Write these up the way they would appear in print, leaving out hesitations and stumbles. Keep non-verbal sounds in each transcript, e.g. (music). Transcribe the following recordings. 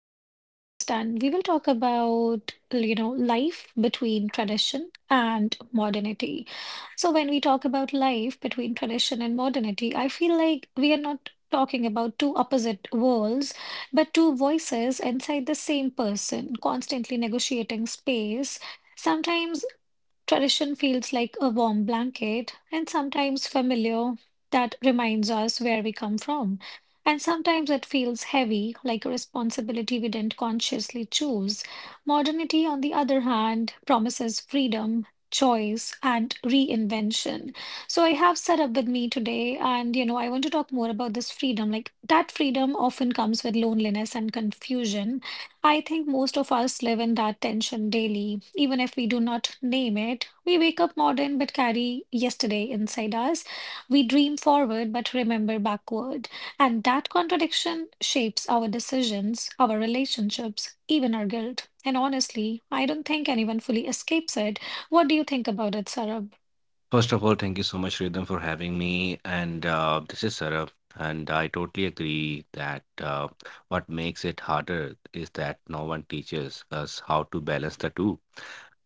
this podcast, and we will talk about life between tradition and modernity. So, when we talk about life between tradition and modernity, I feel like we are not talking about two opposite worlds, but two voices inside the same person, constantly negotiating space. Sometimes tradition feels like a warm blanket and sometimes familiar that reminds us where we come from. And sometimes it feels heavy, like a responsibility we didn't consciously choose. Modernity, on the other hand, promises freedom, choice, and reinvention. So I have set up with me today, and I want to talk more about this freedom. Like that freedom often comes with loneliness and confusion. I think most of us live in that tension daily, even if we do not name it. We wake up modern but carry yesterday inside us. We dream forward but remember backward. And that contradiction shapes our decisions, our relationships, even our guilt. And honestly, I don't think anyone fully escapes it. What do you think about it, Sarab? First of all, thank you so much, Rhythm, for having me. And this is Sarab, and I totally agree that what makes it harder is that no one teaches us how to balance the two.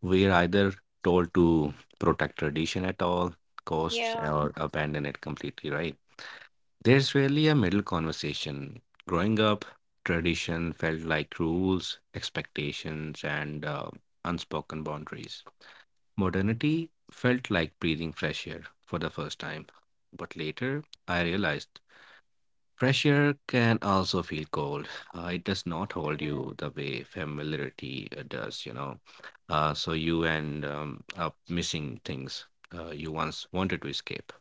We are either told to protect tradition at all costs Yeah. or abandon it completely, right? There's really a middle conversation. Growing up, tradition felt like rules, expectations, and unspoken boundaries. Modernity felt like breathing fresh air for the first time. But later, I realized fresh air can also feel cold. It does not hold you the way familiarity does, you know. So you end up missing things you once wanted to escape.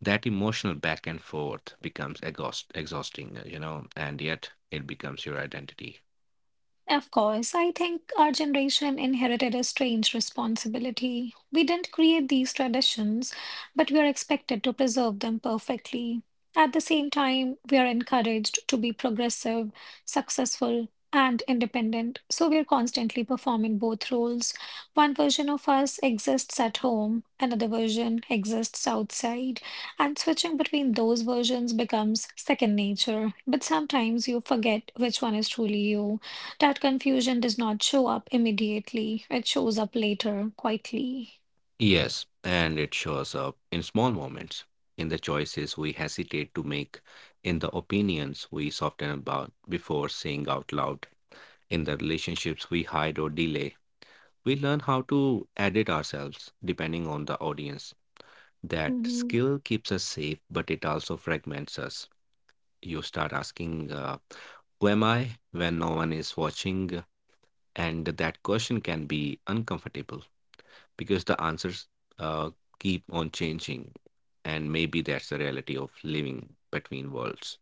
That emotional back and forth becomes exhausting, and yet it becomes your identity. Of course, I think our generation inherited a strange responsibility. We didn't create these traditions, but we are expected to preserve them perfectly. At the same time, we are encouraged to be progressive, successful, and independent, so we are constantly performing both roles. One version of us exists at home, another version exists outside, and switching between those versions becomes second nature, but sometimes you forget which one is truly you. That confusion does not show up immediately. It shows up later, quietly. Yes, and it shows up in small moments, in the choices we hesitate to make, in the opinions we soften about before saying out loud, in the relationships we hide or delay. We learn how to edit ourselves depending on the audience. That Hmm. skill keeps us safe, but it also fragments us. You start asking, who am I when no one is watching? And that question can be uncomfortable because the answers uh, keep on changing. And maybe that's the reality of living between worlds.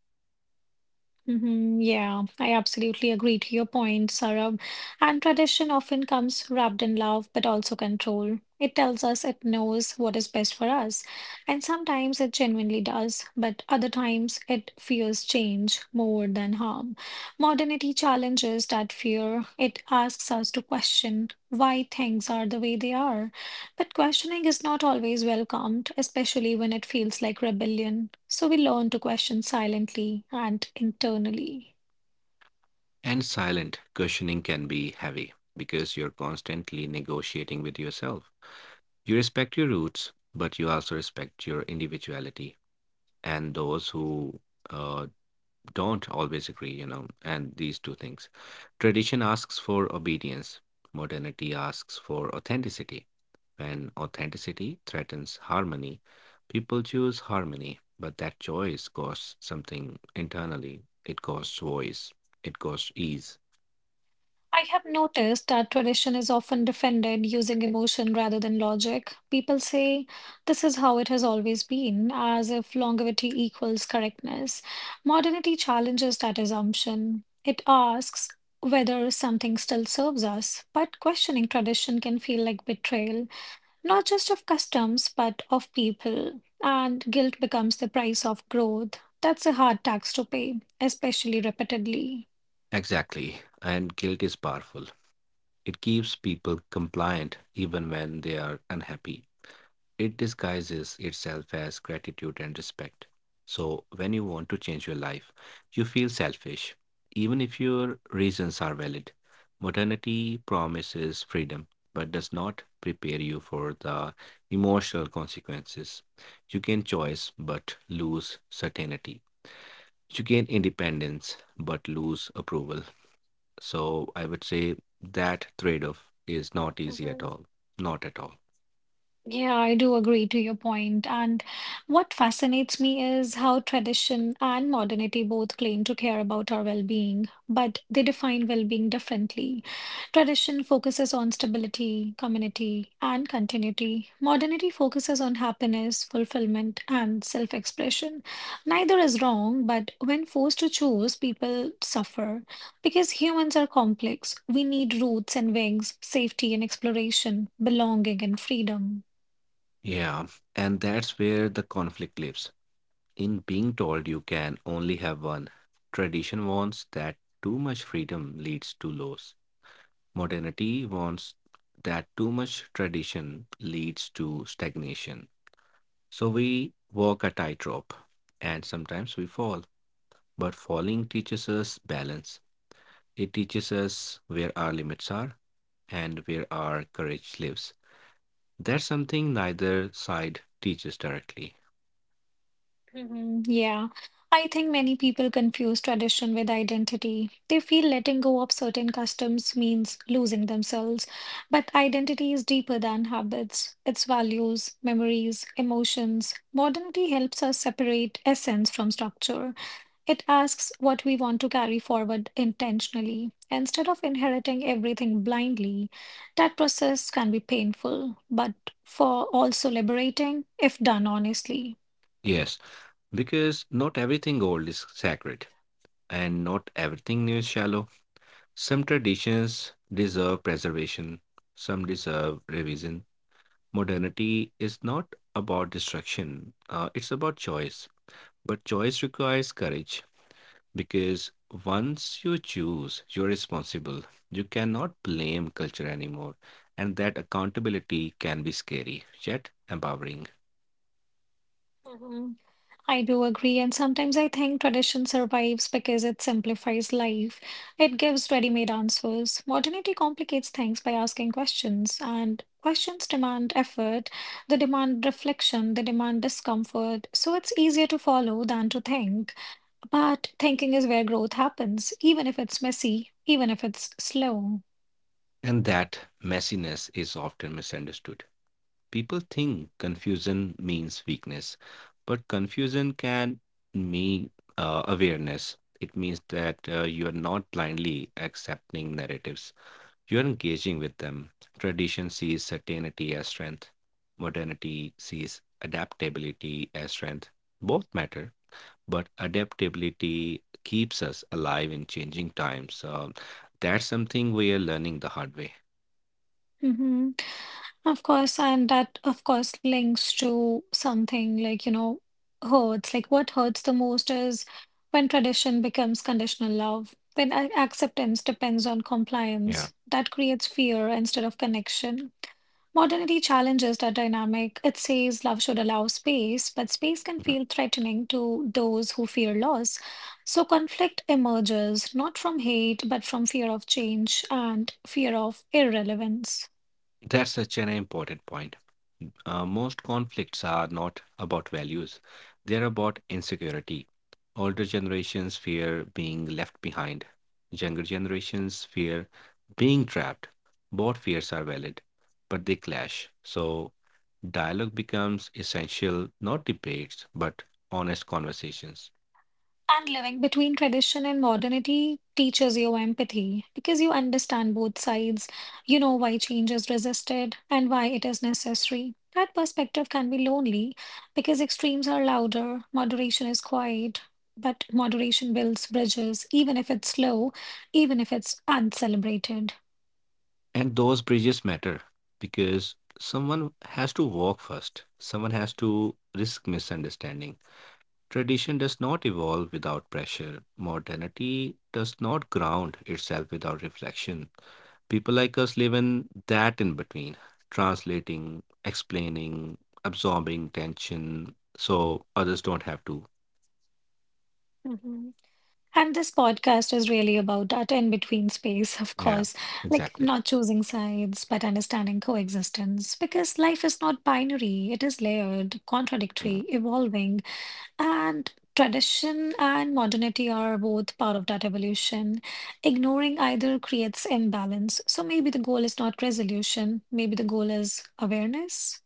Hmm. Yeah, I absolutely agree to your point, Sarab. And tradition often comes wrapped in love, but also control. It tells us it knows what is best for us. And sometimes it genuinely does, but other times it fears change more than harm. Modernity challenges that fear. It asks us to question why things are the way they are. But questioning is not always welcomed, especially when it feels like rebellion. So we learn to question silently and internally. And silent questioning can be heavy because you're constantly negotiating with yourself. You respect your roots, but you also respect your individuality and those who uh, don't always agree, you know, and these two things. Tradition asks for obedience, modernity asks for authenticity. When authenticity threatens harmony, people choose harmony, but that choice costs something internally. It costs voice, it costs ease. I have noticed that tradition is often defended using emotion rather than logic. People say this is how it has always been, as if longevity equals correctness. Modernity challenges that assumption. It asks whether something still serves us, but questioning tradition can feel like betrayal, not just of customs, but of people. And guilt becomes the price of growth. That's a hard tax to pay, especially repeatedly. Exactly, and guilt is powerful. It keeps people compliant even when they are unhappy. It disguises itself as gratitude and respect. So, when you want to change your life, you feel selfish, even if your reasons are valid. Modernity promises freedom, but does not prepare you for the emotional consequences. You gain choice, but lose certainty. You gain independence, but lose approval. So, I would say that trade off is not easy at all. Not at all. Yeah, I do agree to your point. And what fascinates me is how tradition and modernity both claim to care about our well-being, but they define well-being differently. Tradition focuses on stability, community, and continuity. Modernity focuses on happiness, fulfillment, and self-expression. Neither is wrong, but when forced to choose, people suffer. Because humans are complex, we need roots and wings, safety and exploration, belonging and freedom. Yeah, and that's where the conflict lives. In being told you can only have one, tradition wants that too much freedom leads to loss. Modernity wants that too much tradition leads to stagnation. So we walk a tightrope, and sometimes we fall. But falling teaches us balance. It teaches us where our limits are and where our courage lives. That's something neither side teaches directly. Mhm. Yeah, I think many people confuse tradition with identity. They feel letting go of certain customs means losing themselves, but identity is deeper than habits. It's values, memories, emotions. Modernity helps us separate essence from structure. It asks what we want to carry forward intentionally instead of inheriting everything blindly. That process can be painful, but for also liberating if done honestly. Yes, because not everything old is sacred, and not everything new is shallow. Some traditions deserve preservation, some deserve revision. Modernity is not about destruction, it's about choice. But choice requires courage because once you choose, you're responsible. You cannot blame culture anymore, and that accountability can be scary, yet empowering. Mhm. I do agree, and sometimes I think tradition survives because it simplifies life. It gives ready-made answers. Modernity complicates things by asking questions, and questions demand effort, they demand reflection, they demand discomfort. So it's easier to follow than to think. But thinking is where growth happens, even if it's messy, even if it's slow. And that messiness is often misunderstood. People think confusion means weakness, but confusion can mean awareness. It means that you are not blindly accepting narratives, you are engaging with them. Tradition sees certainty as strength, modernity sees adaptability as strength. Both matter, but adaptability keeps us alive in changing times. That's something we are learning the hard way. Mm-hmm. Of course, and that, of course, links to something like, you know, hurts. Like, what hurts the most is when tradition becomes conditional love, when acceptance depends on Yeah. compliance. That creates fear instead of connection. Modernity challenges that dynamic. It says love should allow space, but space can Mhm. feel threatening to those who fear loss. So, conflict emerges not from hate, but from fear of change and fear of irrelevance. That's such an important point. Most conflicts are not about values, they're about insecurity. Older generations fear being left behind, younger generations fear being trapped. Both fears are valid, but they clash. So, dialogue becomes essential, not debates, but honest conversations. And living between tradition and modernity teaches you empathy because you understand both sides. You know why change is resisted and why it is necessary. That perspective can be lonely because extremes are louder, moderation is quiet, but moderation builds bridges, even if it's slow, even if it's uncelebrated. And those bridges matter because someone has to walk first, someone has to risk misunderstanding. Tradition does not evolve without pressure. Modernity does not ground itself without reflection. People like us live in that in between, translating, explaining, absorbing tension, so others don't have to. And this podcast is really about that in between space, of Yeah, course, like exactly. not choosing sides, but understanding coexistence. Because life is not binary, it is layered, Mm. contradictory, evolving. And tradition and modernity are both part of that evolution. Ignoring either creates imbalance. So maybe the goal is not resolution, maybe the goal is awareness.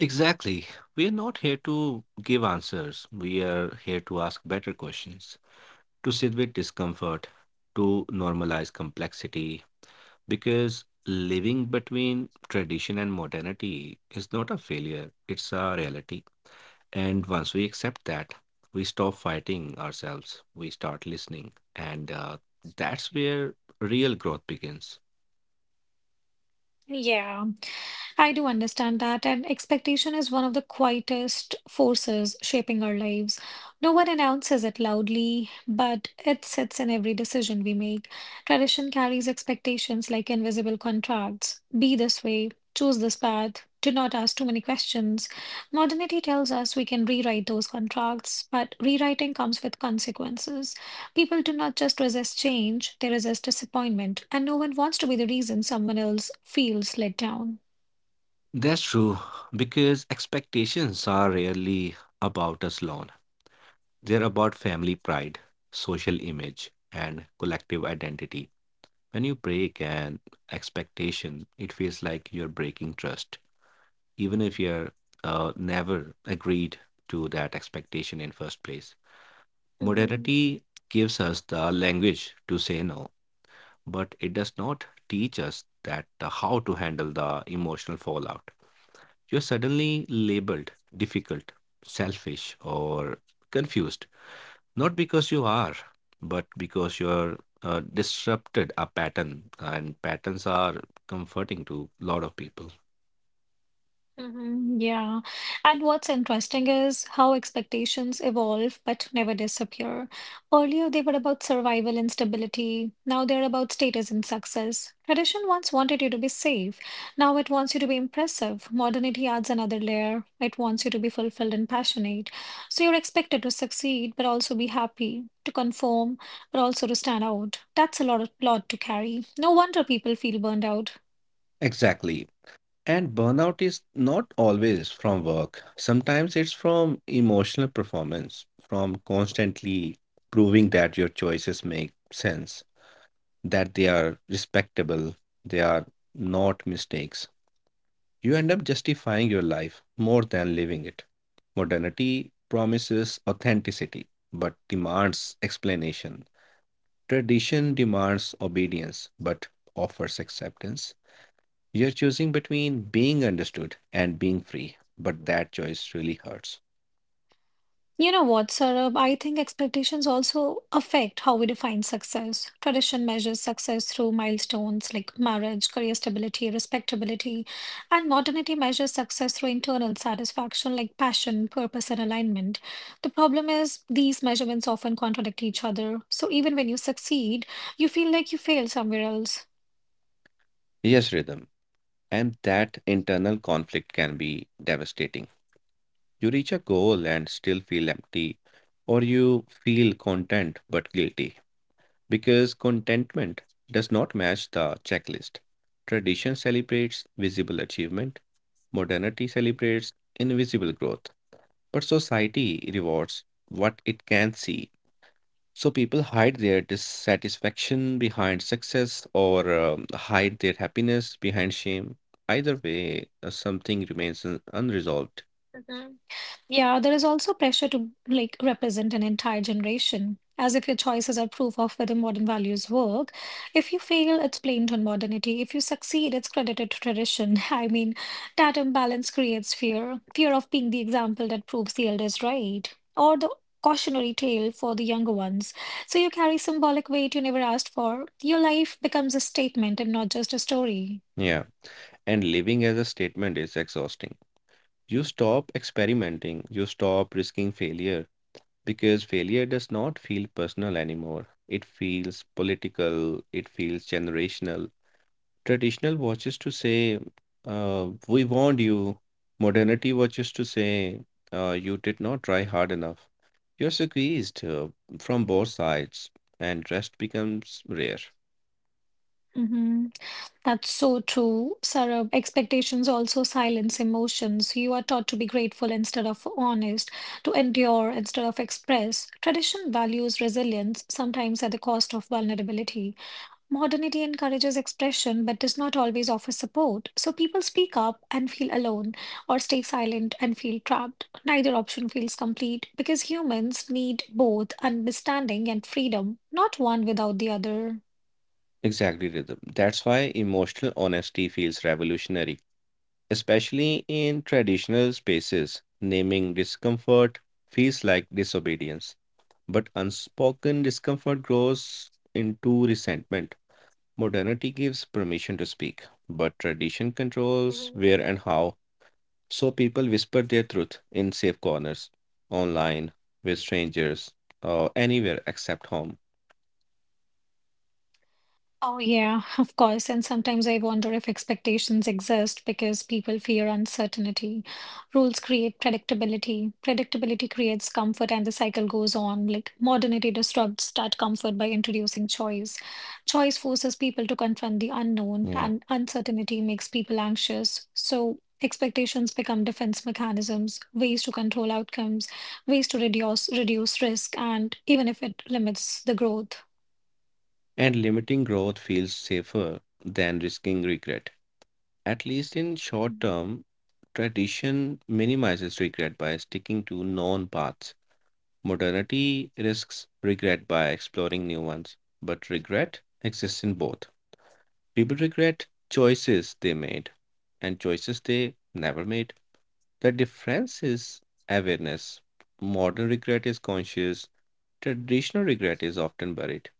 Exactly. We are not here to give answers. We are here to ask better questions, to sit with discomfort, to normalize complexity, because living between tradition and modernity is not a failure, it's a reality. And once we accept that, we stop fighting ourselves, we start listening. And that's where real growth begins. Yeah. I do understand that, and expectation is one of the quietest forces shaping our lives. No one announces it loudly, but it sits in every decision we make. Tradition carries expectations like invisible contracts. Be this way, choose this path, do not ask too many questions. Modernity tells us we can rewrite those contracts, but rewriting comes with consequences. People do not just resist change, they resist disappointment, and no one wants to be the reason someone else feels let down. That's true, because expectations are rarely about us alone. They're about family pride, social image, and collective identity. When you break an expectation, it feels like you're breaking trust even if you're never agreed to that expectation in first place. Mhm. Modernity gives us the language to say no, but it does not teach us that how to handle the emotional fallout. You're suddenly labeled difficult, selfish, or confused, not because you are, but because you're disrupted a pattern, and patterns are comforting to a lot of people. Mhm. Yeah. And what's interesting is how expectations evolve but never disappear. Earlier, they were about survival and stability. Now they're about status and success. Tradition once wanted you to be safe. Now it wants you to be impressive. Modernity adds another layer. It wants you to be fulfilled and passionate. So you're expected to succeed but also be happy, to conform but also to stand out. That's a lot to carry. No wonder people feel burned out. Exactly. And burnout is not always from work. Sometimes it's from emotional performance, from constantly proving that your choices make sense, that they are respectable, they are not mistakes. You end up justifying your life more than living it. Modernity promises authenticity, but demands explanation. Tradition demands obedience, but offers acceptance. You're choosing between being understood and being free, but that choice really hurts. You know what, Saurabh? I think expectations also affect how we define success. Tradition measures success through milestones like marriage, career stability, respectability, and modernity measures success through internal satisfaction like passion, purpose, and alignment. The problem is these measurements often contradict each other. So even when you succeed, you feel like you failed somewhere else. Yes, Rhythm. And that internal conflict can be devastating. You reach a goal and still feel empty, or you feel content but guilty because contentment does not match the checklist. Tradition celebrates visible achievement, modernity celebrates invisible growth, but society rewards what it can see. So people hide their dissatisfaction behind success or hide their happiness behind shame. Either way, something remains unresolved. Yeah, there is also pressure to like represent an entire generation, as if your choices are proof of whether modern values work. If you fail, it's blamed on modernity. If you succeed, it's credited to tradition. (laughs) I mean, that imbalance creates fear, fear of being the example that proves the elders right, or the cautionary tale for the younger ones. So you carry symbolic weight you never asked for. Your life becomes a statement and not just a story. Yeah. And living as a statement is exhausting. You stop experimenting, you stop risking failure because failure does not feel personal anymore. It feels political, it feels generational. Traditional watches to say, we warned you. Modernity watches to say, you did not try hard enough. You're squeezed from both sides, and rest becomes rare. Mm-hmm. That's so true, Sarab. Expectations also silence emotions. You are taught to be grateful instead of honest, to endure instead of express. Tradition values resilience, sometimes at the cost of vulnerability. Modernity encourages expression but does not always offer support. So people speak up and feel alone, or stay silent and feel trapped. Neither option feels complete because humans need both understanding and freedom, not one without the other. Exactly, Rhythm. That's why emotional honesty feels revolutionary, especially in traditional spaces. Naming discomfort feels like disobedience, but unspoken discomfort grows into resentment. Modernity gives permission to speak, but tradition controls where and how, so people whisper their truth in safe corners, online, with strangers, or anywhere except home. Oh, yeah, of course. And sometimes I wonder if expectations exist because people fear uncertainty. Rules create predictability. Predictability creates comfort, and the cycle goes on. Like modernity disrupts that comfort by introducing choice. Choice forces people to confront the unknown, Yeah. and uncertainty makes people anxious. So expectations become defense mechanisms, ways to control outcomes, ways to reduce risk, and even if it limits the growth. And limiting growth feels safer than risking regret. At least in short term, tradition minimizes regret by sticking to known paths. Modernity risks regret by exploring new ones, but regret exists in both. People regret choices they made and choices they never made. The difference is awareness. Modern regret is conscious, traditional regret is often buried.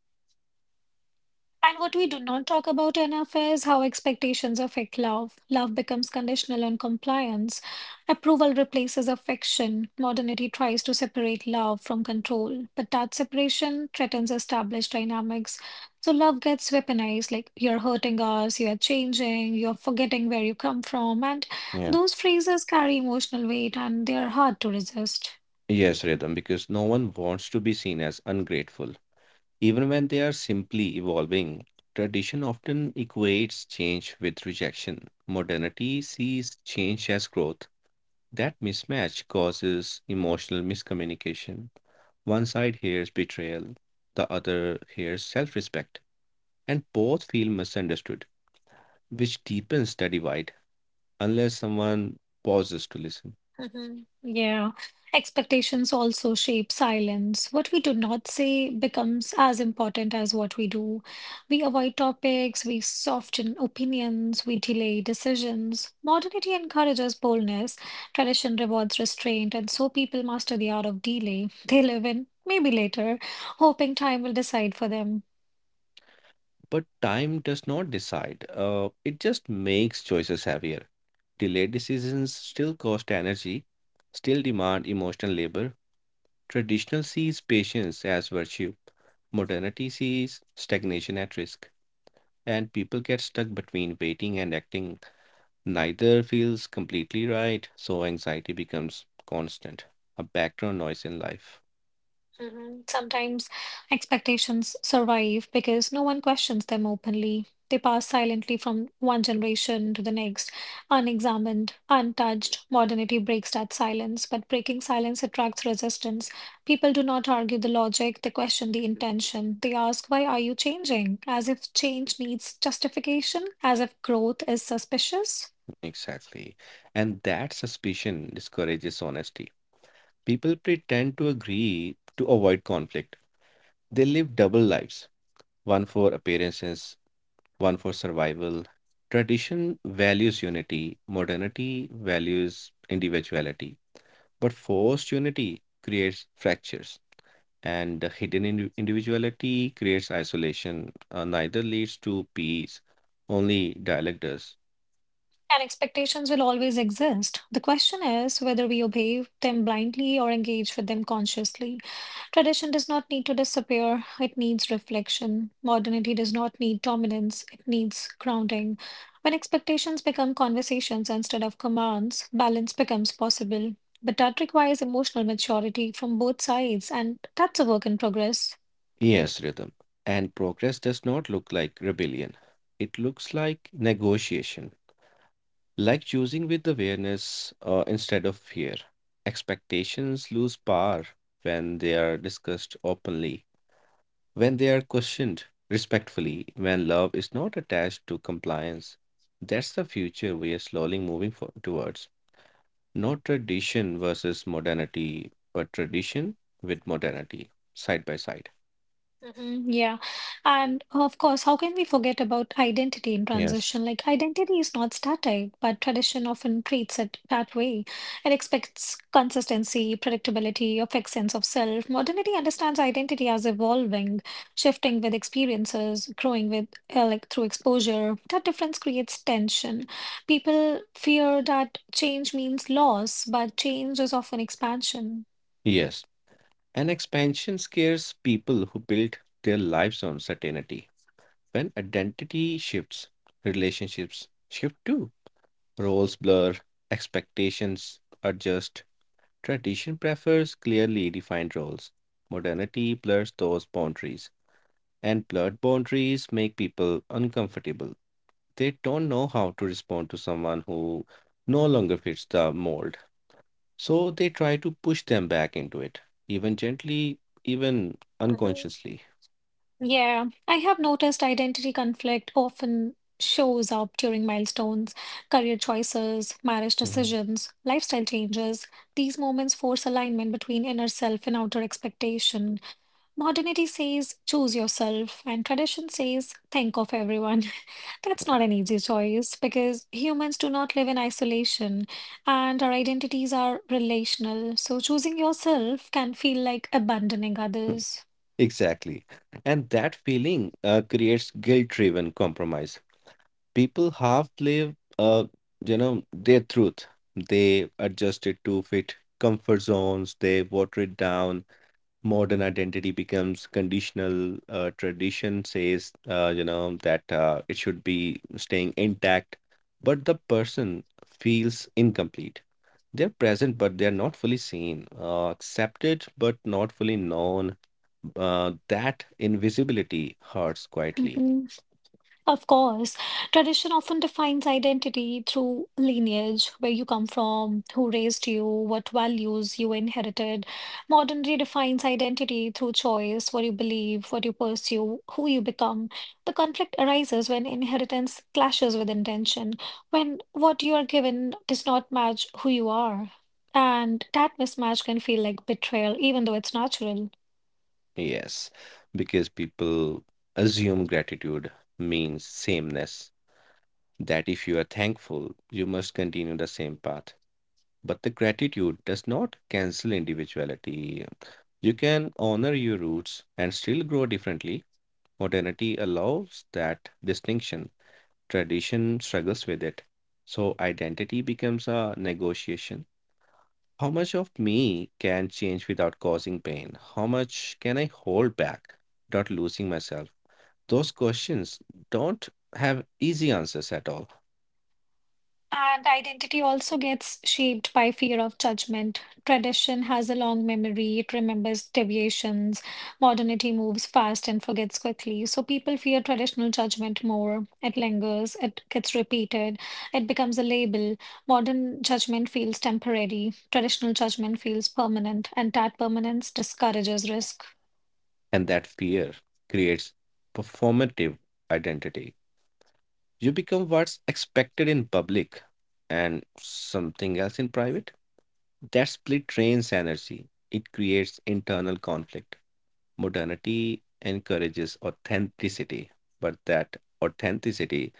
And what we do not talk about enough is how expectations affect love. Love becomes conditional on compliance. Approval replaces affection. Modernity tries to separate love from control, but that separation threatens established dynamics. So love gets weaponized like you're hurting us, you're changing, you're forgetting where you come from. And Yeah. those phrases carry emotional weight and they are hard to resist. Yes, Rhythm, because no one wants to be seen as ungrateful. Even when they are simply evolving, tradition often equates change with rejection. Modernity sees change as growth. That mismatch causes emotional miscommunication. One side hears betrayal, the other hears self respect, and both feel misunderstood, which deepens the divide unless someone pauses to listen. Mhm. Yeah. Expectations also shape silence. What we do not say becomes as important as what we do. We avoid topics, we soften opinions, we delay decisions. Modernity encourages boldness, tradition rewards restraint, and so people master the art of delay. They live in maybe later, hoping time will decide for them. But time does not decide, it just makes choices heavier. Delayed decisions still cost energy, still demand emotional labor. Traditional sees patience as virtue, modernity sees stagnation at risk, and people get stuck between waiting and acting. Neither feels completely right, so anxiety becomes constant, a background noise in life. Mhm. Sometimes expectations survive because no one questions them openly. They pass silently from one generation to the next, unexamined, untouched. Modernity breaks that silence, but breaking silence attracts resistance. People do not argue the logic, they question the intention. They ask, Why are you changing? As if change needs justification, as if growth is suspicious. Exactly. And that suspicion discourages honesty. People pretend to agree to avoid conflict. They live double lives, one for appearances, one for survival. Tradition values unity, modernity values individuality. But forced unity creates fractures, and the hidden individuality creates isolation. Neither leads to peace, only dialect does. And expectations will always exist. The question is whether we obey them blindly or engage with them consciously. Tradition does not need to disappear, it needs reflection. Modernity does not need dominance, it needs grounding. When expectations become conversations instead of commands, balance becomes possible. But that requires emotional maturity from both sides, and that's a work in progress. Yes, Rhythm. And progress does not look like rebellion, it looks like negotiation, like choosing with awareness instead of fear. Expectations lose power when they are discussed openly, when they are questioned respectfully, when love is not attached to compliance. That's the future we are slowly moving towards. Not tradition versus modernity, but tradition with modernity, side by side. Mm. Yeah. And of course, how can we forget about identity in Yes. transition? Like, identity is not static, but tradition often treats it that way. It expects consistency, predictability, a fixed sense of self. Modernity understands identity as evolving, shifting with experiences, growing with, like, through exposure. That difference creates tension. People fear that change means loss, but change is often expansion. Yes, and expansion scares people who build their lives on certainty. When identity shifts, relationships shift too. Roles blur, expectations adjust. Tradition prefers clearly defined roles. Modernity blurs those boundaries, and blurred boundaries make people uncomfortable. They don't know how to respond to someone who no longer fits the mold. So they try to push them back into it, even gently, even unconsciously. Yeah, I have noticed identity conflict often shows up during milestones, career choices, marriage Mhm. decisions, lifestyle changes. These moments force alignment between inner self and outer expectation. Modernity says choose yourself, and tradition says think of everyone. (laughs) That's not an easy choice because humans do not live in isolation and our identities are relational. So choosing yourself can feel like abandoning (laughs) others. Exactly. And that feeling creates guilt-driven compromise. People half live, their truth. They adjust it to fit comfort zones, they water it down, modern identity becomes conditional. Tradition says, that it should be staying intact, but the person feels incomplete. They're present, but they're not fully seen, accepted, but not fully known. That invisibility hurts quietly. Mhm. Of course, tradition often defines identity through lineage, where you come from, who raised you, what values you inherited. Modern redefines identity through choice, what you believe, what you pursue, who you become. The conflict arises when inheritance clashes with intention, when what you are given does not match who you are. And that mismatch can feel like betrayal, even though it's natural. Yes, because people assume gratitude means sameness. That if you are thankful, you must continue the same path. But the gratitude does not cancel individuality. You can honor your roots and still grow differently. Modernity allows that distinction. Tradition struggles with it. So identity becomes a negotiation. How much of me can change without causing pain? How much can I hold back without losing myself? Those questions don't have easy answers at all. And identity also gets shaped by fear of judgment. Tradition has a long memory, it remembers deviations. Modernity moves fast and forgets quickly. So people fear traditional judgment more. It lingers, it gets repeated, it becomes a label. Modern judgment feels temporary, traditional judgment feels permanent, and that permanence discourages risk. And that fear creates performative identity. You become what's expected in public and something else in private. That split drains energy. It creates internal conflict. Modernity encourages authenticity, but that authenticity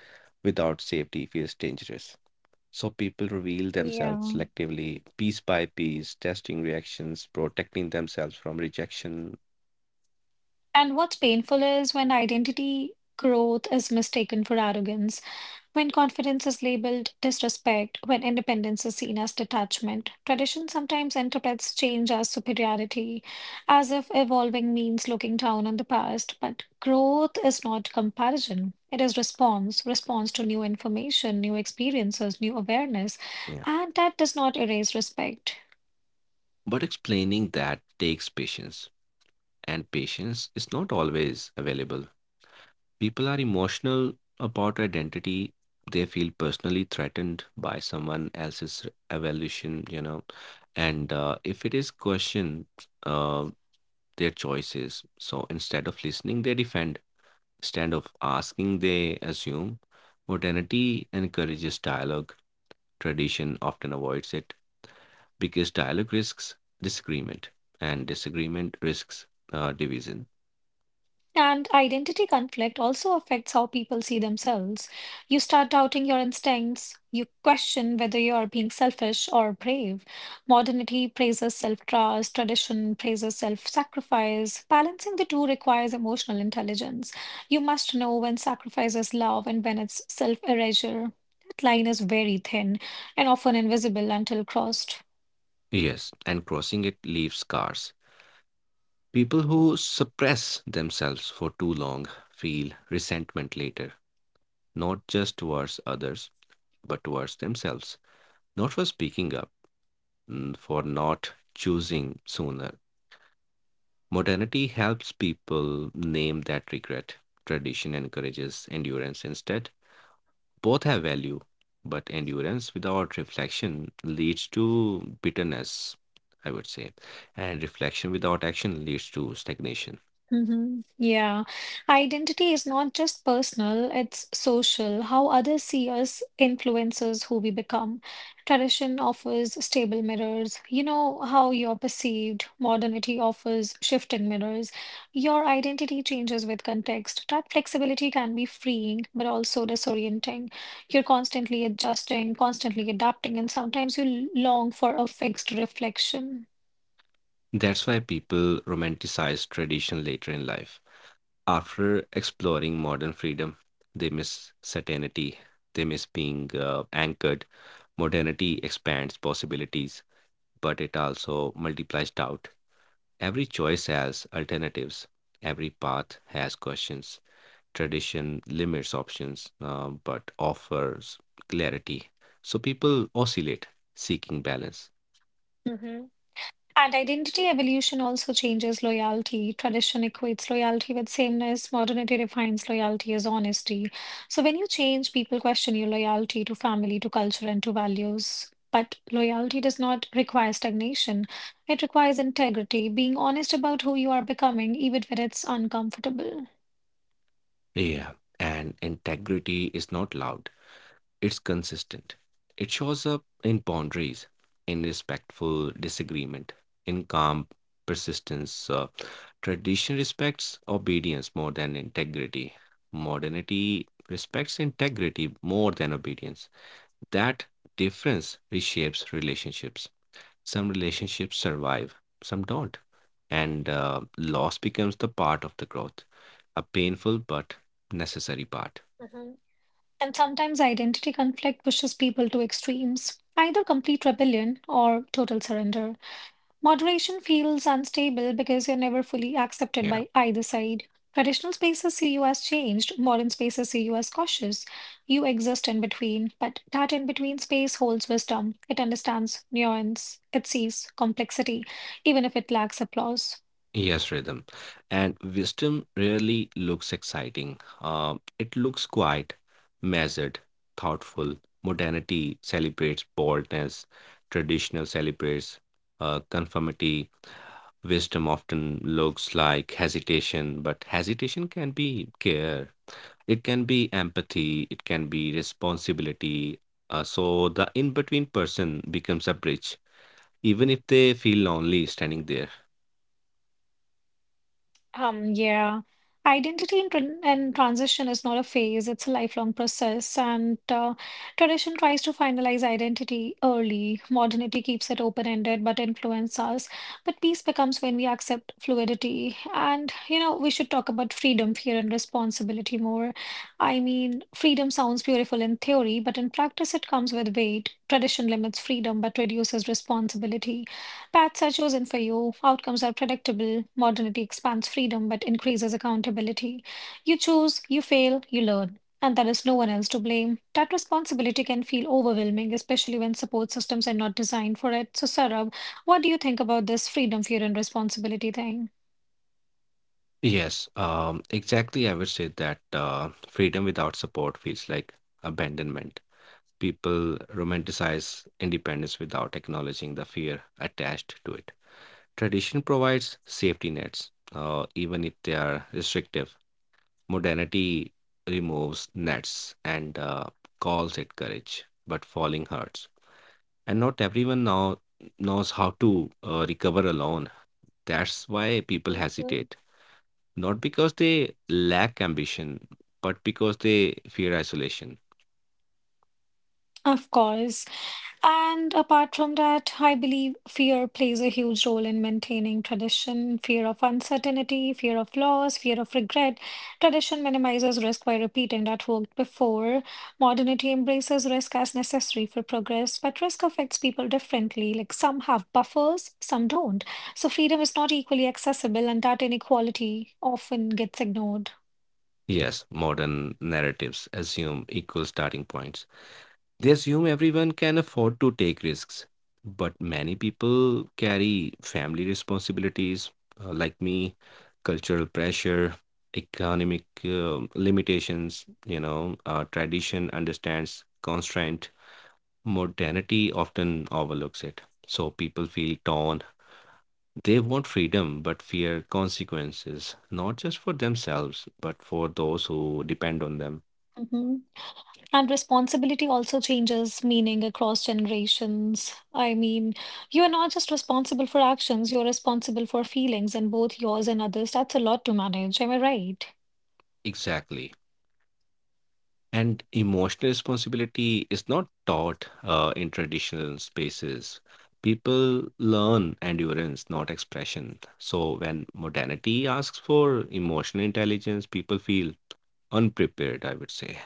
without safety feels dangerous. So people reveal themselves Yeah. selectively, piece by piece, testing reactions, protecting themselves from rejection. And what's painful is when identity growth is mistaken for arrogance. When confidence is labeled disrespect, when independence is seen as detachment, tradition sometimes interprets change as superiority, as if evolving means looking down on the past. But growth is not comparison. It is response, response to new information, new experiences, new awareness, Yeah. and that does not erase respect. But explaining that takes patience, and patience is not always available. People are emotional about identity. They feel personally threatened by someone else's evolution. And if it is questioned, uh, their choices. So instead of listening, they defend. Instead of asking, they assume. Modernity encourages dialogue. Tradition often avoids it because dialogue risks disagreement, and disagreement risks division. And identity conflict also affects how people see themselves. You start doubting your instincts. You question whether you are being selfish or brave. Modernity praises self trust, tradition praises self sacrifice. Balancing the two requires emotional intelligence. You must know when sacrifice is love and when it's self erasure. That line is very thin and often invisible until crossed. Yes, and crossing it leaves scars. People who suppress themselves for too long feel resentment later, not just towards others, but towards themselves. Not for speaking up, for not choosing sooner. Modernity helps people name that regret. Tradition encourages endurance instead. Both have value, but endurance without reflection leads to bitterness, I would say, and reflection without action leads to stagnation. Hmm, yeah. Identity is not just personal, it's social. How others see us influences who we become. Tradition offers stable mirrors. You know how you're perceived. Modernity offers shifting mirrors. Your identity changes with context. That flexibility can be freeing, but also disorienting. You're constantly adjusting, constantly adapting, and sometimes you long for a fixed reflection. That's why people romanticize tradition later in life. After exploring modern freedom, they miss certainty, they miss being anchored. Modernity expands possibilities, but it also multiplies doubt. Every choice has alternatives, every path has questions. Tradition limits options, but offers clarity. So people oscillate, seeking balance. Mm-hmm. And identity evolution also changes loyalty. Tradition equates loyalty with sameness. Modernity defines loyalty as honesty. So when you change, people question your loyalty to family, to culture, and to values. But loyalty does not require stagnation. It requires integrity, being honest about who you are becoming, even when it's uncomfortable. Yeah, and integrity is not loud. It's consistent. It shows up in boundaries, in respectful disagreement, in calm persistence. Tradition respects obedience more than integrity. Modernity respects integrity more than obedience. That difference reshapes relationships. Some relationships survive, some don't. And loss becomes the part of the growth, a painful but necessary part. Mhm. And sometimes identity conflict pushes people to extremes, either complete rebellion or total surrender. Moderation feels unstable because you're never fully accepted Yeah. by either side. Traditional spaces see you as changed, modern spaces see you as cautious. You exist in between, but that in between space holds wisdom. It understands nuance, it sees complexity, even if it lacks applause. Yes, rhythm. And wisdom rarely looks exciting. It looks quiet, measured, thoughtful. Modernity celebrates boldness, traditional celebrates conformity. Wisdom often looks like hesitation, but hesitation can be care, it can be empathy, it can be responsibility. So the in between person becomes a bridge, even if they feel lonely standing there. Yeah, identity and transition is not a phase, it's a lifelong process. And tradition tries to finalize identity early, modernity keeps it open-ended but influences us. But peace becomes when we accept fluidity. And, you know, we should talk about freedom, fear, and responsibility more. I mean, freedom sounds beautiful in theory, but in practice, it comes with weight. Tradition limits freedom but reduces responsibility. Paths are chosen for you, outcomes are predictable, modernity expands freedom but increases accountability. You choose, you fail, you learn, and there is no one else to blame. That responsibility can feel overwhelming, especially when support systems are not designed for it. So, Sarab, what do you think about this freedom, fear, and responsibility thing? Yes, exactly. I would say that freedom without support feels like abandonment. People romanticize independence without acknowledging the fear attached to it. Tradition provides safety nets, even if they are restrictive. Modernity removes nets and calls it courage, but falling hurts. And not everyone now knows how to recover alone. That's why people hesitate, not because they lack ambition, but because they fear isolation. Of course. And apart from that, I believe fear plays a huge role in maintaining tradition, fear of uncertainty, fear of loss, fear of regret. Tradition minimizes risk by repeating that worked before. Modernity embraces risk as necessary for progress, but risk affects people differently. Like some have buffers, some don't. So freedom is not equally accessible, and that inequality often gets ignored. Yes, modern narratives assume equal starting points. They assume everyone can afford to take risks, but many people carry family responsibilities, like me, cultural pressure, economic limitations, you know, tradition understands constraint, modernity often overlooks it. So people feel torn. They want freedom but fear consequences, not just for themselves, but for those who depend on them. Mm-hmm. And responsibility also changes meaning across generations. I mean, you are not just responsible for actions, you're responsible for feelings and both yours and others. That's a lot to manage. Am I Exactly. And emotional responsibility is not taught in traditional spaces. People learn endurance, not expression. So when modernity asks for emotional intelligence, people feel unprepared, I would say.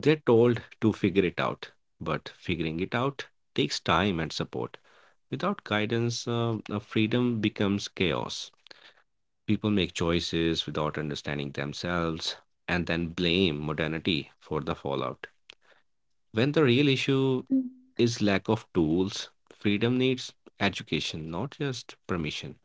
They're told to figure it out, but figuring it out takes time and support. Without guidance, freedom becomes chaos. People make choices without understanding themselves and then blame modernity for the fallout, when the real issue right? is lack of tools. Freedom needs education, not just permission.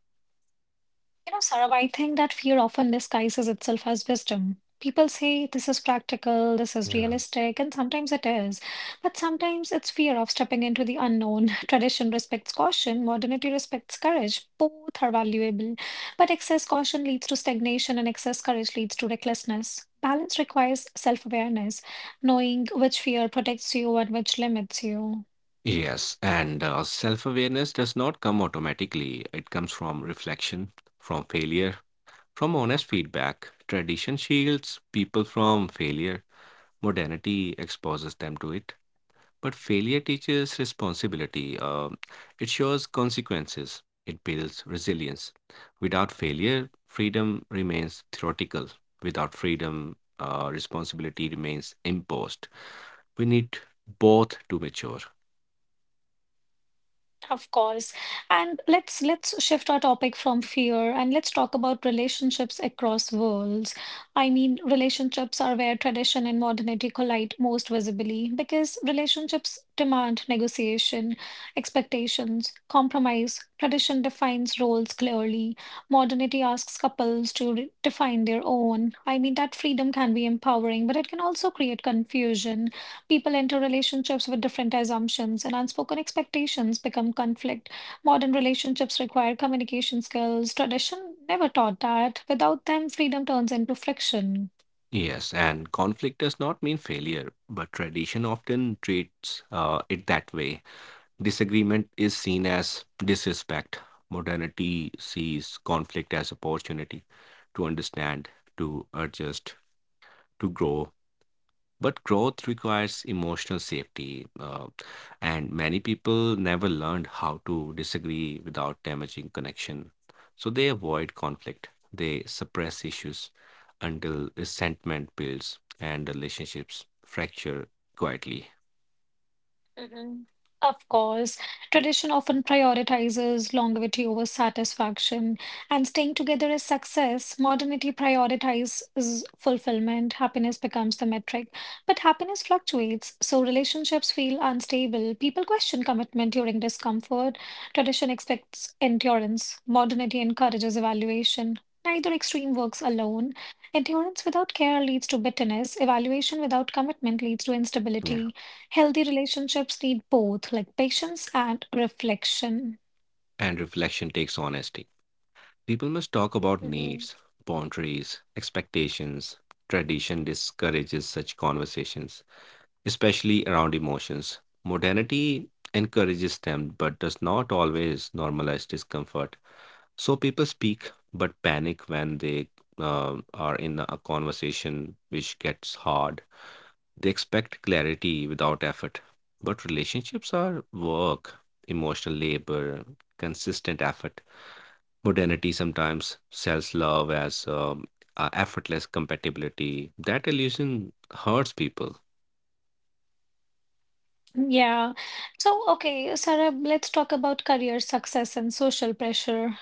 You know, Sarab, I think that fear often disguises itself as wisdom. People say this is practical, this is Yeah. realistic, and sometimes it is. But sometimes it's fear of stepping into the unknown. (laughs) Tradition respects caution, modernity respects courage. Both are valuable. But excess caution leads to stagnation, and excess courage leads to recklessness. Balance requires self awareness, knowing which fear protects you and which limits you. Yes, and self awareness does not come automatically. It comes from reflection, from failure, from honest feedback. Tradition shields people from failure, modernity exposes them to it. But failure teaches responsibility. It shows consequences. It builds resilience. Without failure, freedom remains theoretical. Without freedom, responsibility remains imposed. We need both to mature. Of course. And let's shift our topic from fear and let's talk about relationships across worlds. I mean, relationships are where tradition and modernity collide most visibly because relationships demand negotiation, expectations, compromise. Tradition defines roles clearly. Modernity asks couples to define their own. I mean, that freedom can be empowering, but it can also create confusion. People enter relationships with different assumptions, and unspoken expectations become conflict. Modern relationships require communication skills. Tradition never taught that. Without them, freedom turns into friction. Yes, and conflict does not mean failure, but tradition often treats it that way. Disagreement is seen as disrespect. Modernity sees conflict as opportunity to understand, to adjust, to grow. But growth requires emotional safety, and many people never learned how to disagree without damaging connection. So they avoid conflict, they suppress issues until resentment builds and relationships fracture quietly. Mhm. Of course, tradition often prioritizes longevity over satisfaction, and staying together is success. Modernity prioritizes fulfillment. Happiness becomes the metric. But happiness fluctuates, so relationships feel unstable. People question commitment during discomfort. Tradition expects endurance. Modernity encourages evaluation. Neither extreme works alone. Endurance without care leads to bitterness. Evaluation without commitment leads to Yeah. instability. Healthy relationships need both, like patience and reflection. And reflection takes honesty. People must talk about Mhm. needs, boundaries, expectations. Tradition discourages such conversations, especially around emotions. Modernity encourages them but does not always normalize discomfort. So people speak but panic when they are in a conversation which gets hard. They expect clarity without effort. But relationships are work, emotional labor, consistent effort. Modernity sometimes sells love as effortless compatibility. That illusion hurts people. Yeah. So, okay, Sarab, let's talk about career success and social pressure.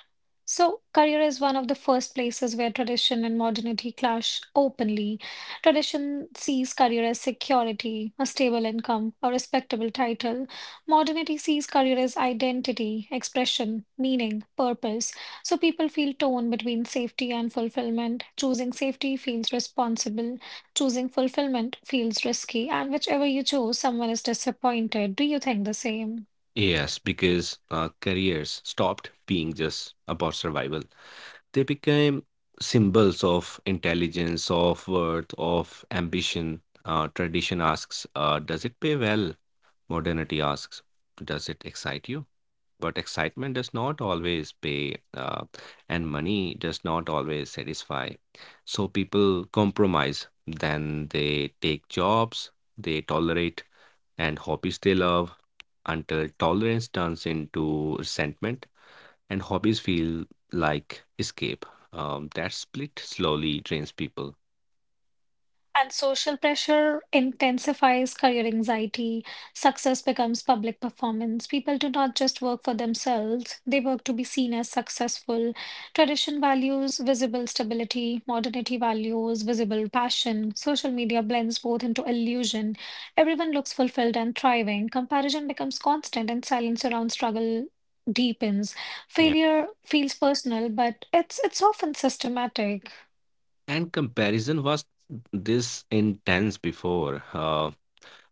So, career is one of the first places where tradition and modernity clash openly. Tradition sees career as security, a stable income, a respectable title. Modernity sees career as identity, expression, meaning, purpose. So, people feel torn between safety and fulfillment. Choosing safety feels responsible. Choosing fulfillment feels risky, and whichever you choose, someone is disappointed. Do you think the same? Yes, because careers stopped being just about survival. They became symbols of intelligence, of worth, of ambition. Tradition asks, does it pay well? Modernity asks, does it excite you? But excitement does not always pay, and money does not always satisfy. So people compromise. Then they take jobs they tolerate and hobbies they love until tolerance turns into resentment and hobbies feel like escape. That split slowly drains people. And social pressure intensifies career anxiety. Success becomes public performance. People do not just work for themselves, they work to be seen as successful. Tradition values visible stability, modernity values visible passion. Social media blends both into illusion. Everyone looks fulfilled and thriving. Comparison becomes constant, and silence around struggle deepens. Yeah. Failure feels personal, but it's often systematic. And comparison was this intense before. Uh,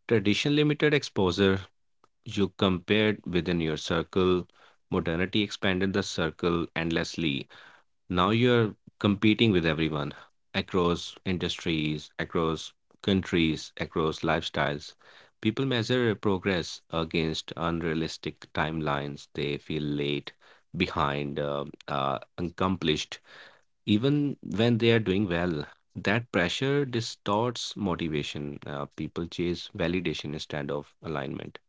tradition limited exposure. You compared within your circle. Modernity expanded the circle endlessly. Now you're competing with everyone across industries, across countries, across lifestyles. People measure progress against unrealistic timelines. They feel late, behind, accomplished, even when they are doing well. That pressure distorts motivation. People chase validation instead of alignment.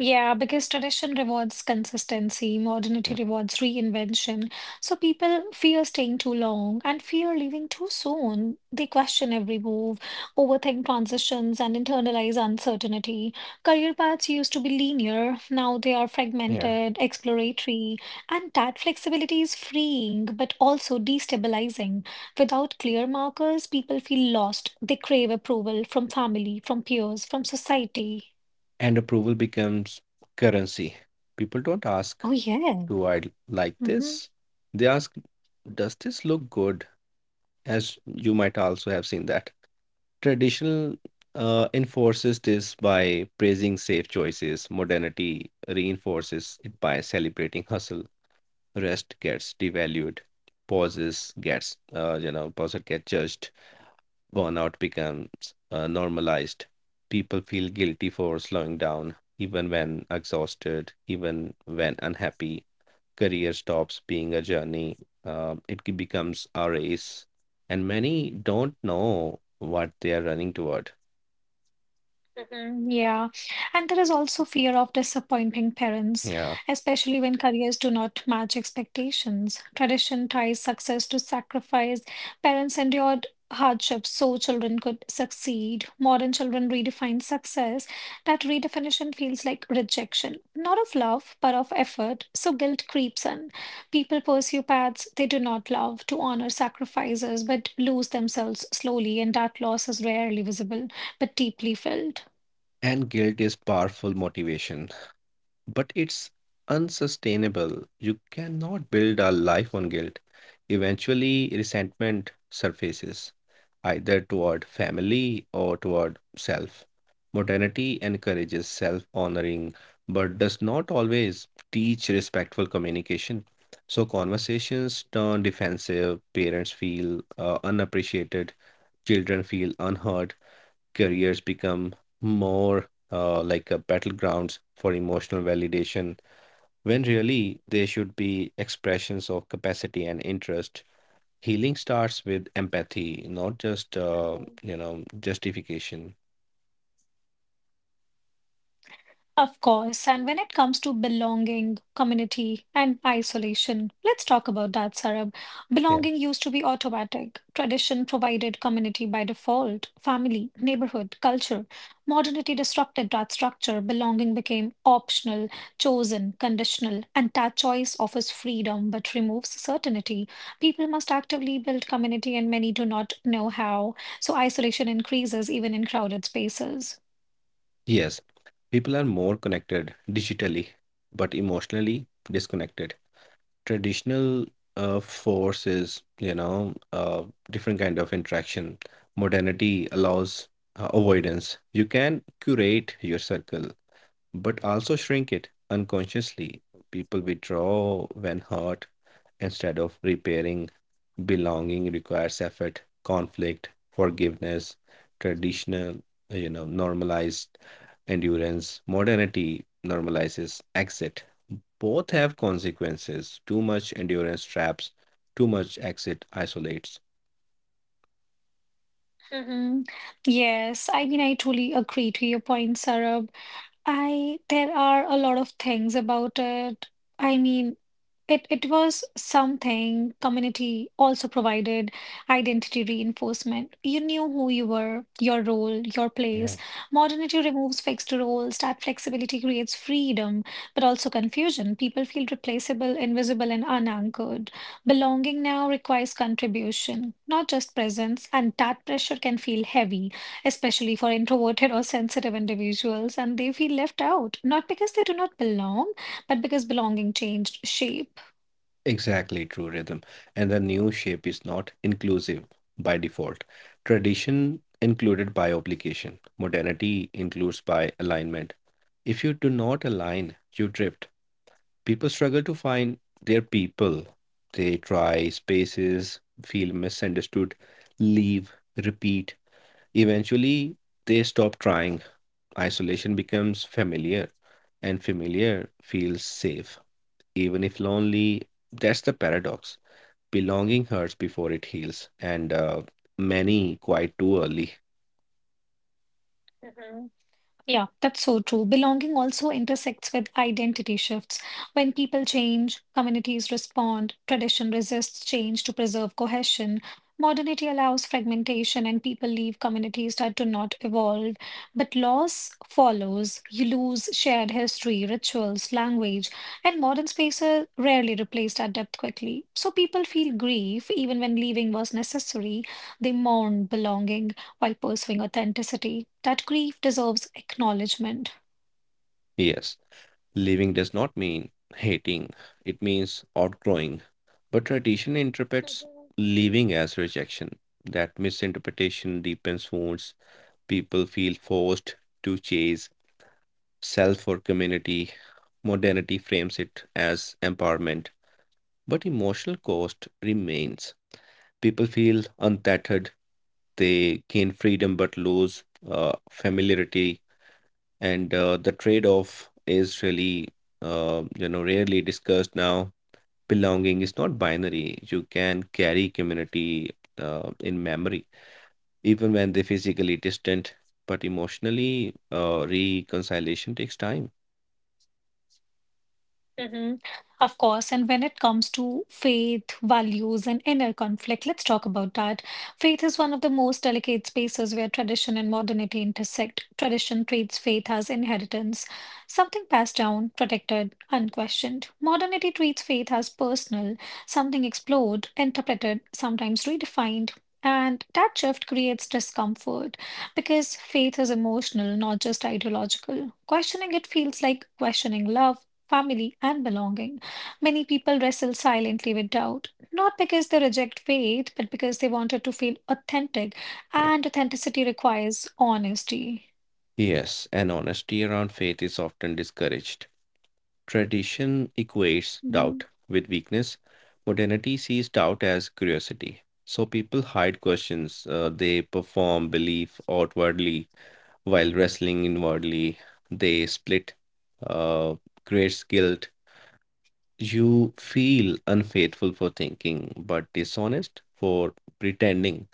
Yeah, because tradition rewards consistency, modernity Yeah. rewards reinvention. So people fear staying too long and fear leaving too soon. They question every move, overthink transitions, and internalize uncertainty. Career paths used to be linear, now they are Yeah. fragmented, exploratory, and that flexibility is freeing but also destabilizing. Without clear markers, people feel lost. They crave approval from family, from peers, from society. And approval becomes currency. People don't ask, Oh, yeah. "Do I like Hmm. this?" They ask, "Does this look good?" As you might also have seen that. Traditional enforces this by praising safe choices, modernity reinforces it by celebrating hustle. Rest gets devalued, pauses gets, pauses get judged, burnout becomes normalized. People feel guilty for slowing down, even when exhausted, even when unhappy. Career stops being a journey, it becomes a race. And many don't know what they are running toward. Mhm, yeah. And there is also fear of disappointing parents, Yeah. especially when careers do not match expectations. Tradition ties success to sacrifice. Parents endured hardships so children could succeed. Modern children redefine success. That redefinition feels like rejection, not of love, but of effort. So guilt creeps in. People pursue paths they do not love to honor sacrifices, but lose themselves slowly, and that loss is rarely visible, but deeply felt. And guilt is powerful motivation, but it's unsustainable. You cannot build a life on guilt. Eventually, resentment surfaces, either toward family or toward self. Modernity encourages self honoring but does not always teach respectful communication. So, conversations turn defensive, parents feel unappreciated, children feel unheard, careers become more like a battlegrounds for emotional validation when really they should be expressions of capacity and interest. Healing starts with empathy, not just justification. Of course, and when it comes to belonging, community, and isolation, let's talk about that, Sarab. Yeah. Belonging used to be automatic. Tradition provided community by default, family, neighborhood, culture. Modernity disrupted that structure. Belonging became optional, chosen, conditional, and that choice offers freedom but removes certainty. People must actively build community, and many do not know how. So isolation increases even in crowded spaces. Yes, people are more connected digitally, but emotionally disconnected. Traditional forces, different kind of interaction. Modernity allows avoidance. You can curate your circle, but also shrink it unconsciously. People withdraw when hurt instead of repairing. Belonging requires effort, conflict, forgiveness, traditional, you know, normalized endurance. Modernity normalizes exit. Both have consequences. Too much endurance traps, too much exit isolates. Mhm. Yes, I mean, I truly agree to your point, Sarah. I There are a lot of things about it. I mean, it was something community also provided identity reinforcement. You knew who you were, your role, your place. Yeah. Modernity removes fixed roles. That flexibility creates freedom, but also confusion. People feel replaceable, invisible, and unanchored. Belonging now requires contribution, not just presence, and that pressure can feel heavy especially for introverted or sensitive individuals, and they feel left out, not because they do not belong, but because belonging changed shape. Exactly true rhythm. And the new shape is not inclusive by default. Tradition included by obligation, modernity includes by alignment. If you do not align, you drift. People struggle to find their people. They try spaces, feel misunderstood, leave, repeat. Eventually, they stop trying. Isolation becomes familiar, and familiar feels safe, even if lonely. That's the paradox. Belonging hurts before it heals, and many quite too early. Yeah, that's so true. Belonging also intersects with identity shifts. When people change, communities respond, tradition resists change to preserve cohesion. Modernity allows fragmentation, and people leave communities that do not evolve. But loss follows. You lose shared history, rituals, language, and modern spaces rarely replace that depth quickly. So people feel grief even when leaving was necessary. They mourn belonging while pursuing authenticity. That grief deserves acknowledgement. Yes. Living does not mean hating, it means outgrowing. But tradition interprets Mhm. living as rejection. That misinterpretation deepens wounds. People feel forced to chase self or community. Modernity frames it as empowerment, but emotional cost remains. People feel untethered, they gain freedom but lose familiarity, and the trade off is really, rarely discussed. Now belonging is not binary. You can carry community in memory, even when they physically distant, but emotionally, reconciliation takes time. Mhm. Of course, and when it comes to faith, values, and inner conflict, let's talk about that. Faith is one of the most delicate spaces where tradition and modernity intersect. Tradition treats faith as inheritance, something passed down, protected, unquestioned. Modernity treats faith as personal, something explored, interpreted, sometimes redefined. And that shift creates discomfort because faith is emotional, not just ideological. Questioning it feels like questioning love, family, and belonging. Many people wrestle silently with doubt, not because they reject faith, but because they wanted to feel authentic, Yeah. and authenticity requires honesty. Yes, and honesty around faith is often discouraged. Tradition equates Mhm. doubt with weakness. Modernity sees doubt as curiosity. So people hide questions. They perform belief outwardly while wrestling inwardly. They split, uh, creates guilt. You feel unfaithful for thinking, but dishonest for pretending.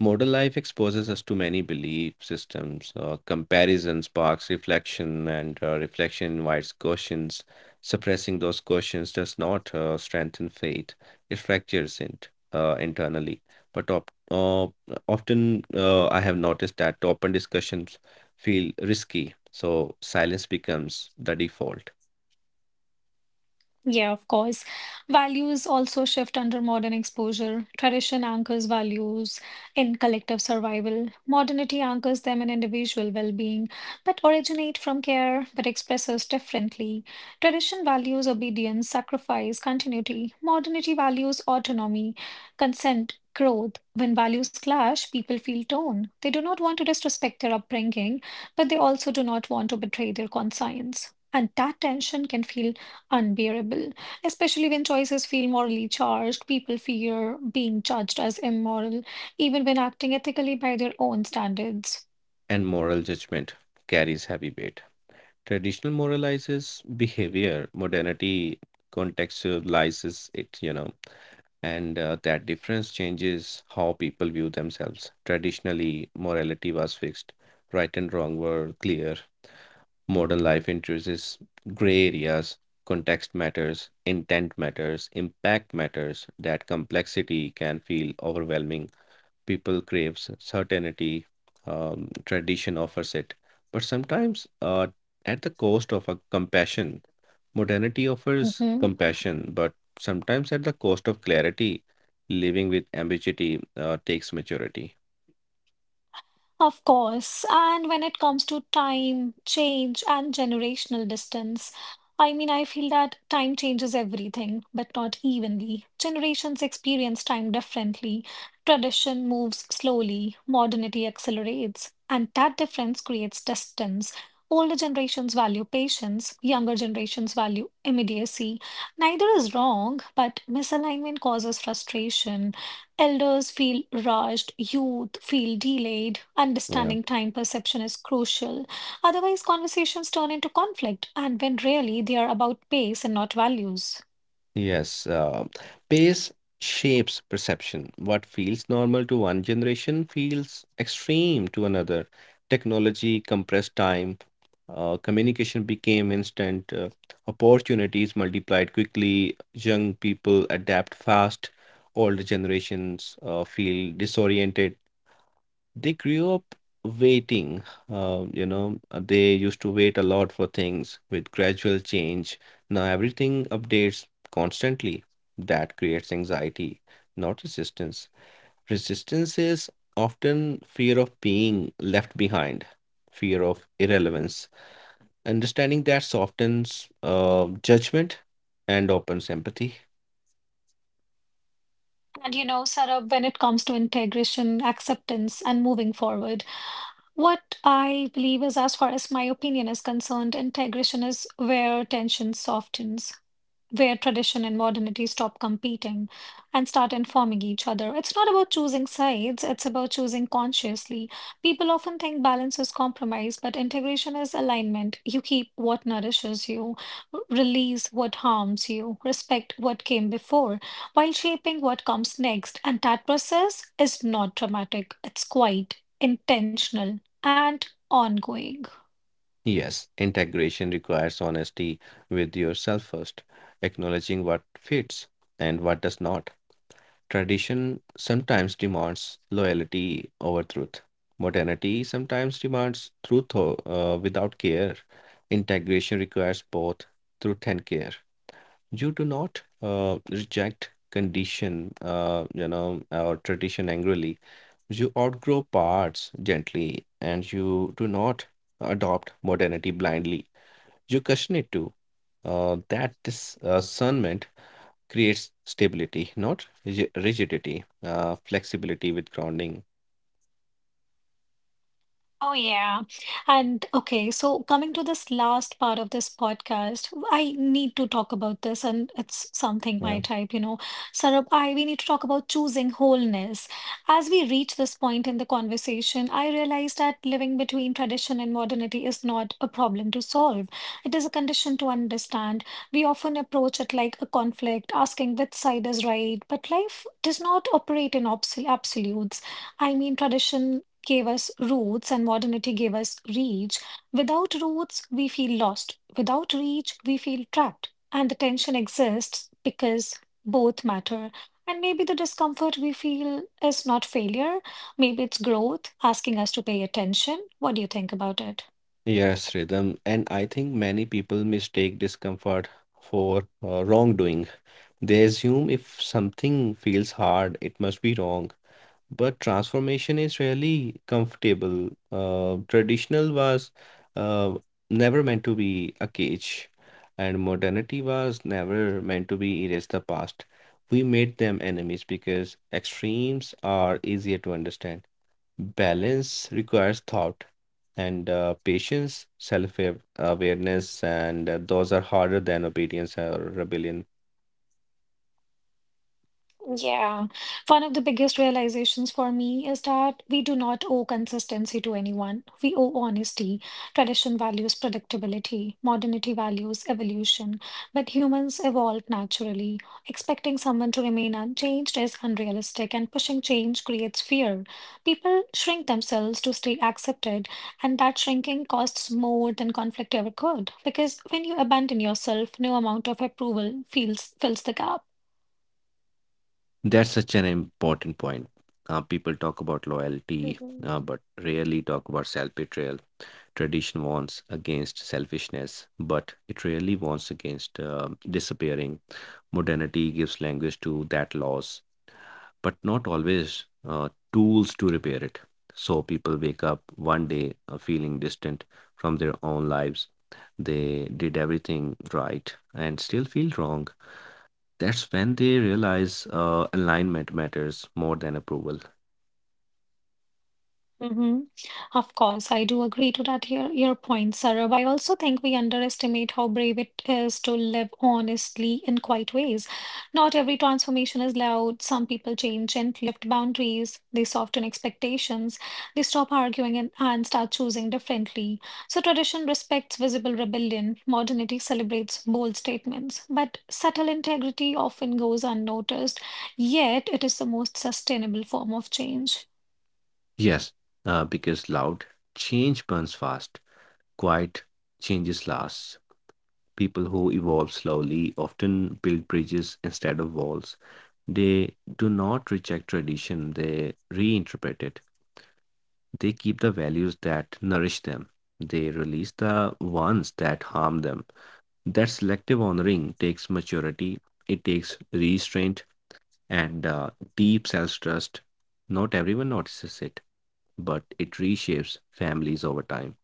Modern life exposes us to many belief systems. Comparison sparks reflection, and reflection invites questions. Suppressing those questions does not strengthen faith, it fractures it internally. But I have noticed that open discussions feel risky, so silence becomes the default. Yeah, of course. Values also shift under modern exposure. Tradition anchors values in collective survival. Modernity anchors them in individual well-being, but originate from care, but expresses differently. Tradition values obedience, sacrifice, continuity. Modernity values autonomy, consent, growth. When values clash, people feel torn. They do not want to disrespect their upbringing, but they also do not want to betray their conscience. And that tension can feel unbearable, especially when choices feel morally charged. People fear being judged as immoral, even when acting ethically by their own standards. And moral judgment carries heavy weight. Traditional moralizes behavior, modernity contextualizes it, you know, and that difference changes how people view themselves. Traditionally, morality was fixed, right and wrong were clear. Modern life introduces gray areas, context matters, intent matters, impact matters. That complexity can feel overwhelming. People craves certainty. Tradition offers it but sometimes at the cost of a compassion. Modernity offers Mm-hmm. compassion but sometimes at the cost of clarity. Living with ambiguity takes maturity. Of course. And when it comes to time, change, and generational distance, I mean, I feel that time changes everything, but not evenly. Generations experience time differently. Tradition moves slowly, modernity accelerates, and that difference creates distance. Older generations value patience, younger generations value immediacy. Neither is wrong, but misalignment causes frustration. Elders feel rushed, youth feel delayed. Yeah. Understanding time perception is crucial. Otherwise, conversations turn into conflict, and when really they are about pace and not values. Yes. Pace shapes perception. What feels normal to one generation feels extreme to another. Technology compressed time. Communication became instant. Opportunities multiplied quickly. Young people adapt fast. Older generations feel disoriented. They grew up waiting. They used to wait a lot for things with gradual change. Now everything updates constantly. That creates anxiety, not resistance. Resistance is often fear of being left behind, fear of irrelevance. Understanding that softens judgment and opens empathy. And you know, Sarah, when it comes to integration, acceptance, and moving forward, what I believe is, as far as my opinion is concerned, integration is where tension softens, where tradition and modernity stop competing and start informing each other. It's not about choosing sides, it's about choosing consciously. People often think balance is compromise, but integration is alignment. You keep what nourishes you, release what harms you, respect what came before, while shaping what comes next. And that process is not dramatic, it's quite intentional and ongoing. Yes, integration requires honesty with yourself first, acknowledging what fits and what does not. Tradition sometimes demands loyalty over truth. Modernity sometimes demands truth without care. Integration requires both truth and care. You do not reject condition, or tradition angrily. You outgrow parts gently, and you do not adopt modernity blindly. You question it too. That discernment creates stability, not rigidity, flexibility with grounding. Oh, yeah. And okay, so coming to this last part of this podcast, I need to talk about this, and it's something my Yeah. type, you know. Sarab, we need to talk about choosing wholeness. As we reach this point in the conversation, I realized that living between tradition and modernity is not a problem to solve. It is a condition to understand. We often approach it like a conflict, asking which side is right, but life does not operate in absolutes. I mean, tradition gave us roots and modernity gave us reach. Without roots, we feel lost. Without reach, we feel trapped. And the tension exists because both matter. And maybe the discomfort we feel is not failure, maybe it's growth asking us to pay attention. What do you think about it? Yes, Rhythm. And I think many people mistake discomfort for wrongdoing. They assume if something feels hard, it must be wrong. But transformation is really comfortable. Traditional was uh, never meant to be a cage, and modernity was never meant to be erase the past. We made them enemies because extremes are easier to understand. Balance requires thought and patience, self-awareness, and those are harder than obedience or rebellion. Yeah, one of the biggest realizations for me is that we do not owe consistency to anyone. We owe honesty. Tradition values predictability, modernity values evolution, but humans evolve naturally. Expecting someone to remain unchanged is unrealistic, and pushing change creates fear. People shrink themselves to stay accepted, and that shrinking costs more than conflict ever could, because when you abandon yourself, no amount of approval feels fills the gap. That's such an important point. People talk about loyalty, Mhm. But rarely talk about self betrayal. Tradition warns against selfishness, but it rarely warns against disappearing. Modernity gives language to that loss, but not always tools to repair it. So people wake up one day feeling distant from their own lives. They did everything right and still feel wrong. That's when they realize alignment matters more than approval. Mm-hmm. Of course, I do agree to that your point, Sarab. I also think we underestimate how brave it is to live honestly in quiet ways. Not every transformation is loud. Some people change gently, lift boundaries, they soften expectations, they stop arguing and start choosing differently. So tradition respects visible rebellion, modernity celebrates bold statements, but subtle integrity often goes unnoticed, yet it is the most sustainable form of change. Yes. Because loud change burns fast, quiet changes lasts. People who evolve slowly often build bridges instead of walls. They do not reject tradition, they reinterpret it. They keep the values that nourish them, they release the ones that harm them. That selective honoring takes maturity, it takes restraint, and deep self trust. Not everyone notices it, but it reshapes families over time.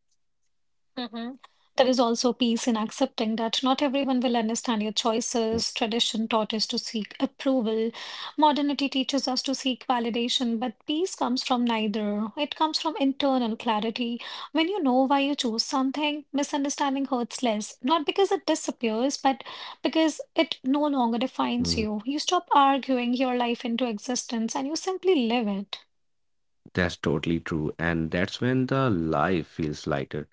Hmm. There is also peace in accepting that not everyone will understand your choices. Tradition taught us to seek approval. Modernity teaches us to seek validation, but peace comes from neither. It comes from internal clarity. When you know why you chose something, misunderstanding hurts less, not because it disappears, but because it no longer defines Mm, you. You stop arguing your life into existence and you simply live it. That's totally true. And that's when the life feels lighter.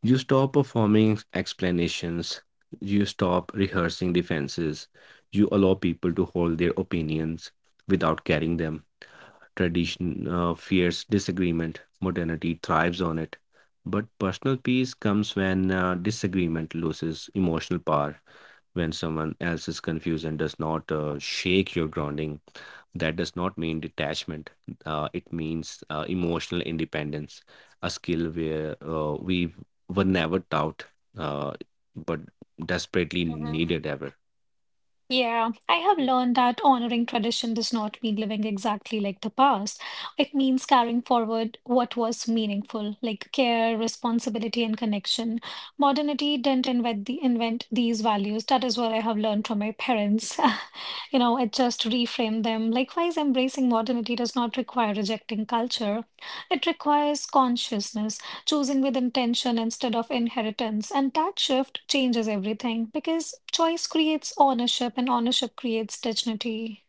You stop performing explanations, you stop rehearsing defenses, you allow people to hold their opinions without carrying them. Tradition fears disagreement, modernity thrives on it. But personal peace comes when disagreement loses emotional power, when someone else is confused and does not shake your grounding. That does not mean detachment, it means emotional independence, a skill where we were never taught, uh, but desperately needed ever. Yeah, I have learned that honoring tradition does not mean living exactly like the past. It means carrying forward what was meaningful, like care, responsibility, and connection. Modernity didn't invent these values. That is what I have learned from my parents. (laughs) You know, it just reframed them. Likewise, embracing modernity does not require rejecting culture. It requires consciousness, choosing with intention instead of inheritance. And that shift changes everything because choice creates ownership and ownership creates dignity.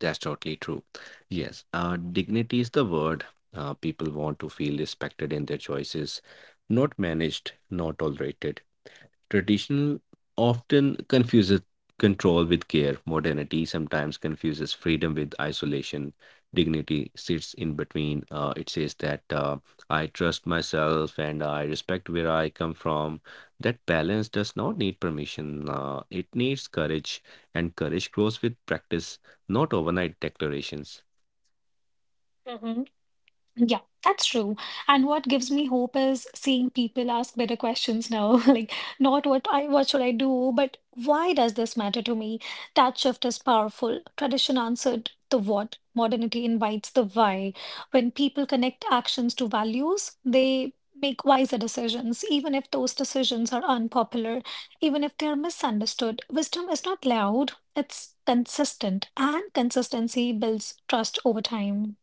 That's totally true. Yes, dignity is the word. Uh, people want to feel respected in their choices, not managed, not tolerated. Traditional often confuses control with care. Modernity sometimes confuses freedom with isolation. Dignity sits in between. It says that I trust myself and I respect where I come from. That balance does not need permission, it needs courage, and courage grows with practice, not overnight declarations. Yeah, that's true. And what gives me hope is seeing people ask better questions now. (laughs) Like, not what should I do, but why does this matter to me? That shift is powerful. Tradition answered the what, modernity invites the why. When people connect actions to values, they make wiser decisions, even if those decisions are unpopular, even if they are misunderstood. Wisdom is not loud, it's consistent, and consistency builds trust over time.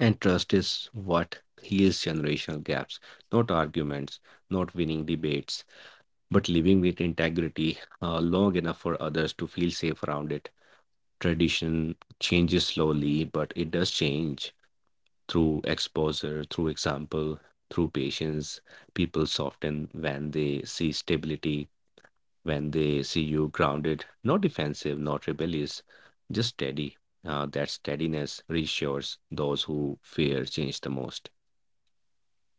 And trust is what heals generational gaps, not arguments, not winning debates, but living with integrity long enough for others to feel safe around it. Tradition changes slowly, but it does change through exposure, through example, through patience. People soften when they see stability, when they see you grounded, not defensive, not rebellious, just steady. That steadiness reassures those who fear change the most.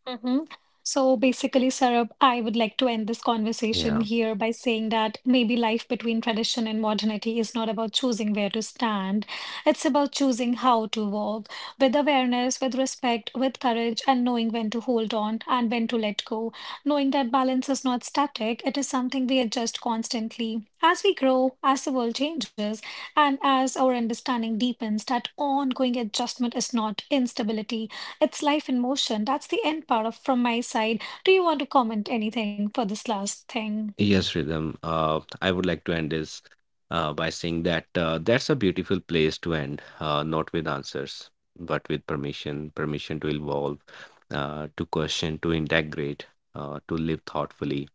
Mhm. So basically, Sarab, I would like to end this conversation Yeah. here by saying that maybe life between tradition and modernity is not about choosing where to stand. It's about choosing how to walk with awareness, with respect, with courage, and knowing when to hold on and when to let go. Knowing that balance is not static, it is something we adjust constantly. As we grow, as the world changes, and as our understanding deepens, that ongoing adjustment is not instability. It's life in motion. That's the end part of from my side. Do you want to comment anything for this last thing? Yes, Rhythm. I would like to end this by saying that that's a beautiful place to end, not with answers, but with permission, permission to evolve, to question, to integrate, to live thoughtfully.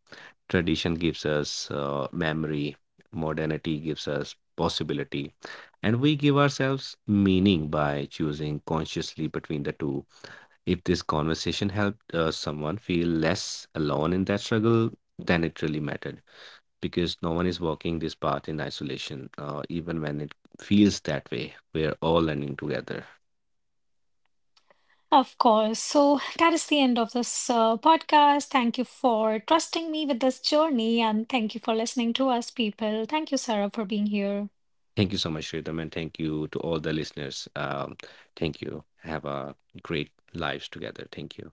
Tradition gives us memory, modernity gives us possibility, and we give ourselves meaning by choosing consciously between the two. If this conversation helped someone feel less alone in that struggle, then it really mattered, because no one is walking this path in isolation, even when it feels that way. We are all learning together. Of course. So that is the end of this podcast. Thank you for trusting me with this journey and thank you for listening to us, people. Thank you, Sarah, for being here. Thank you so much, Shritam, and thank you to all the listeners. Thank you. Have a great lives together. Thank you.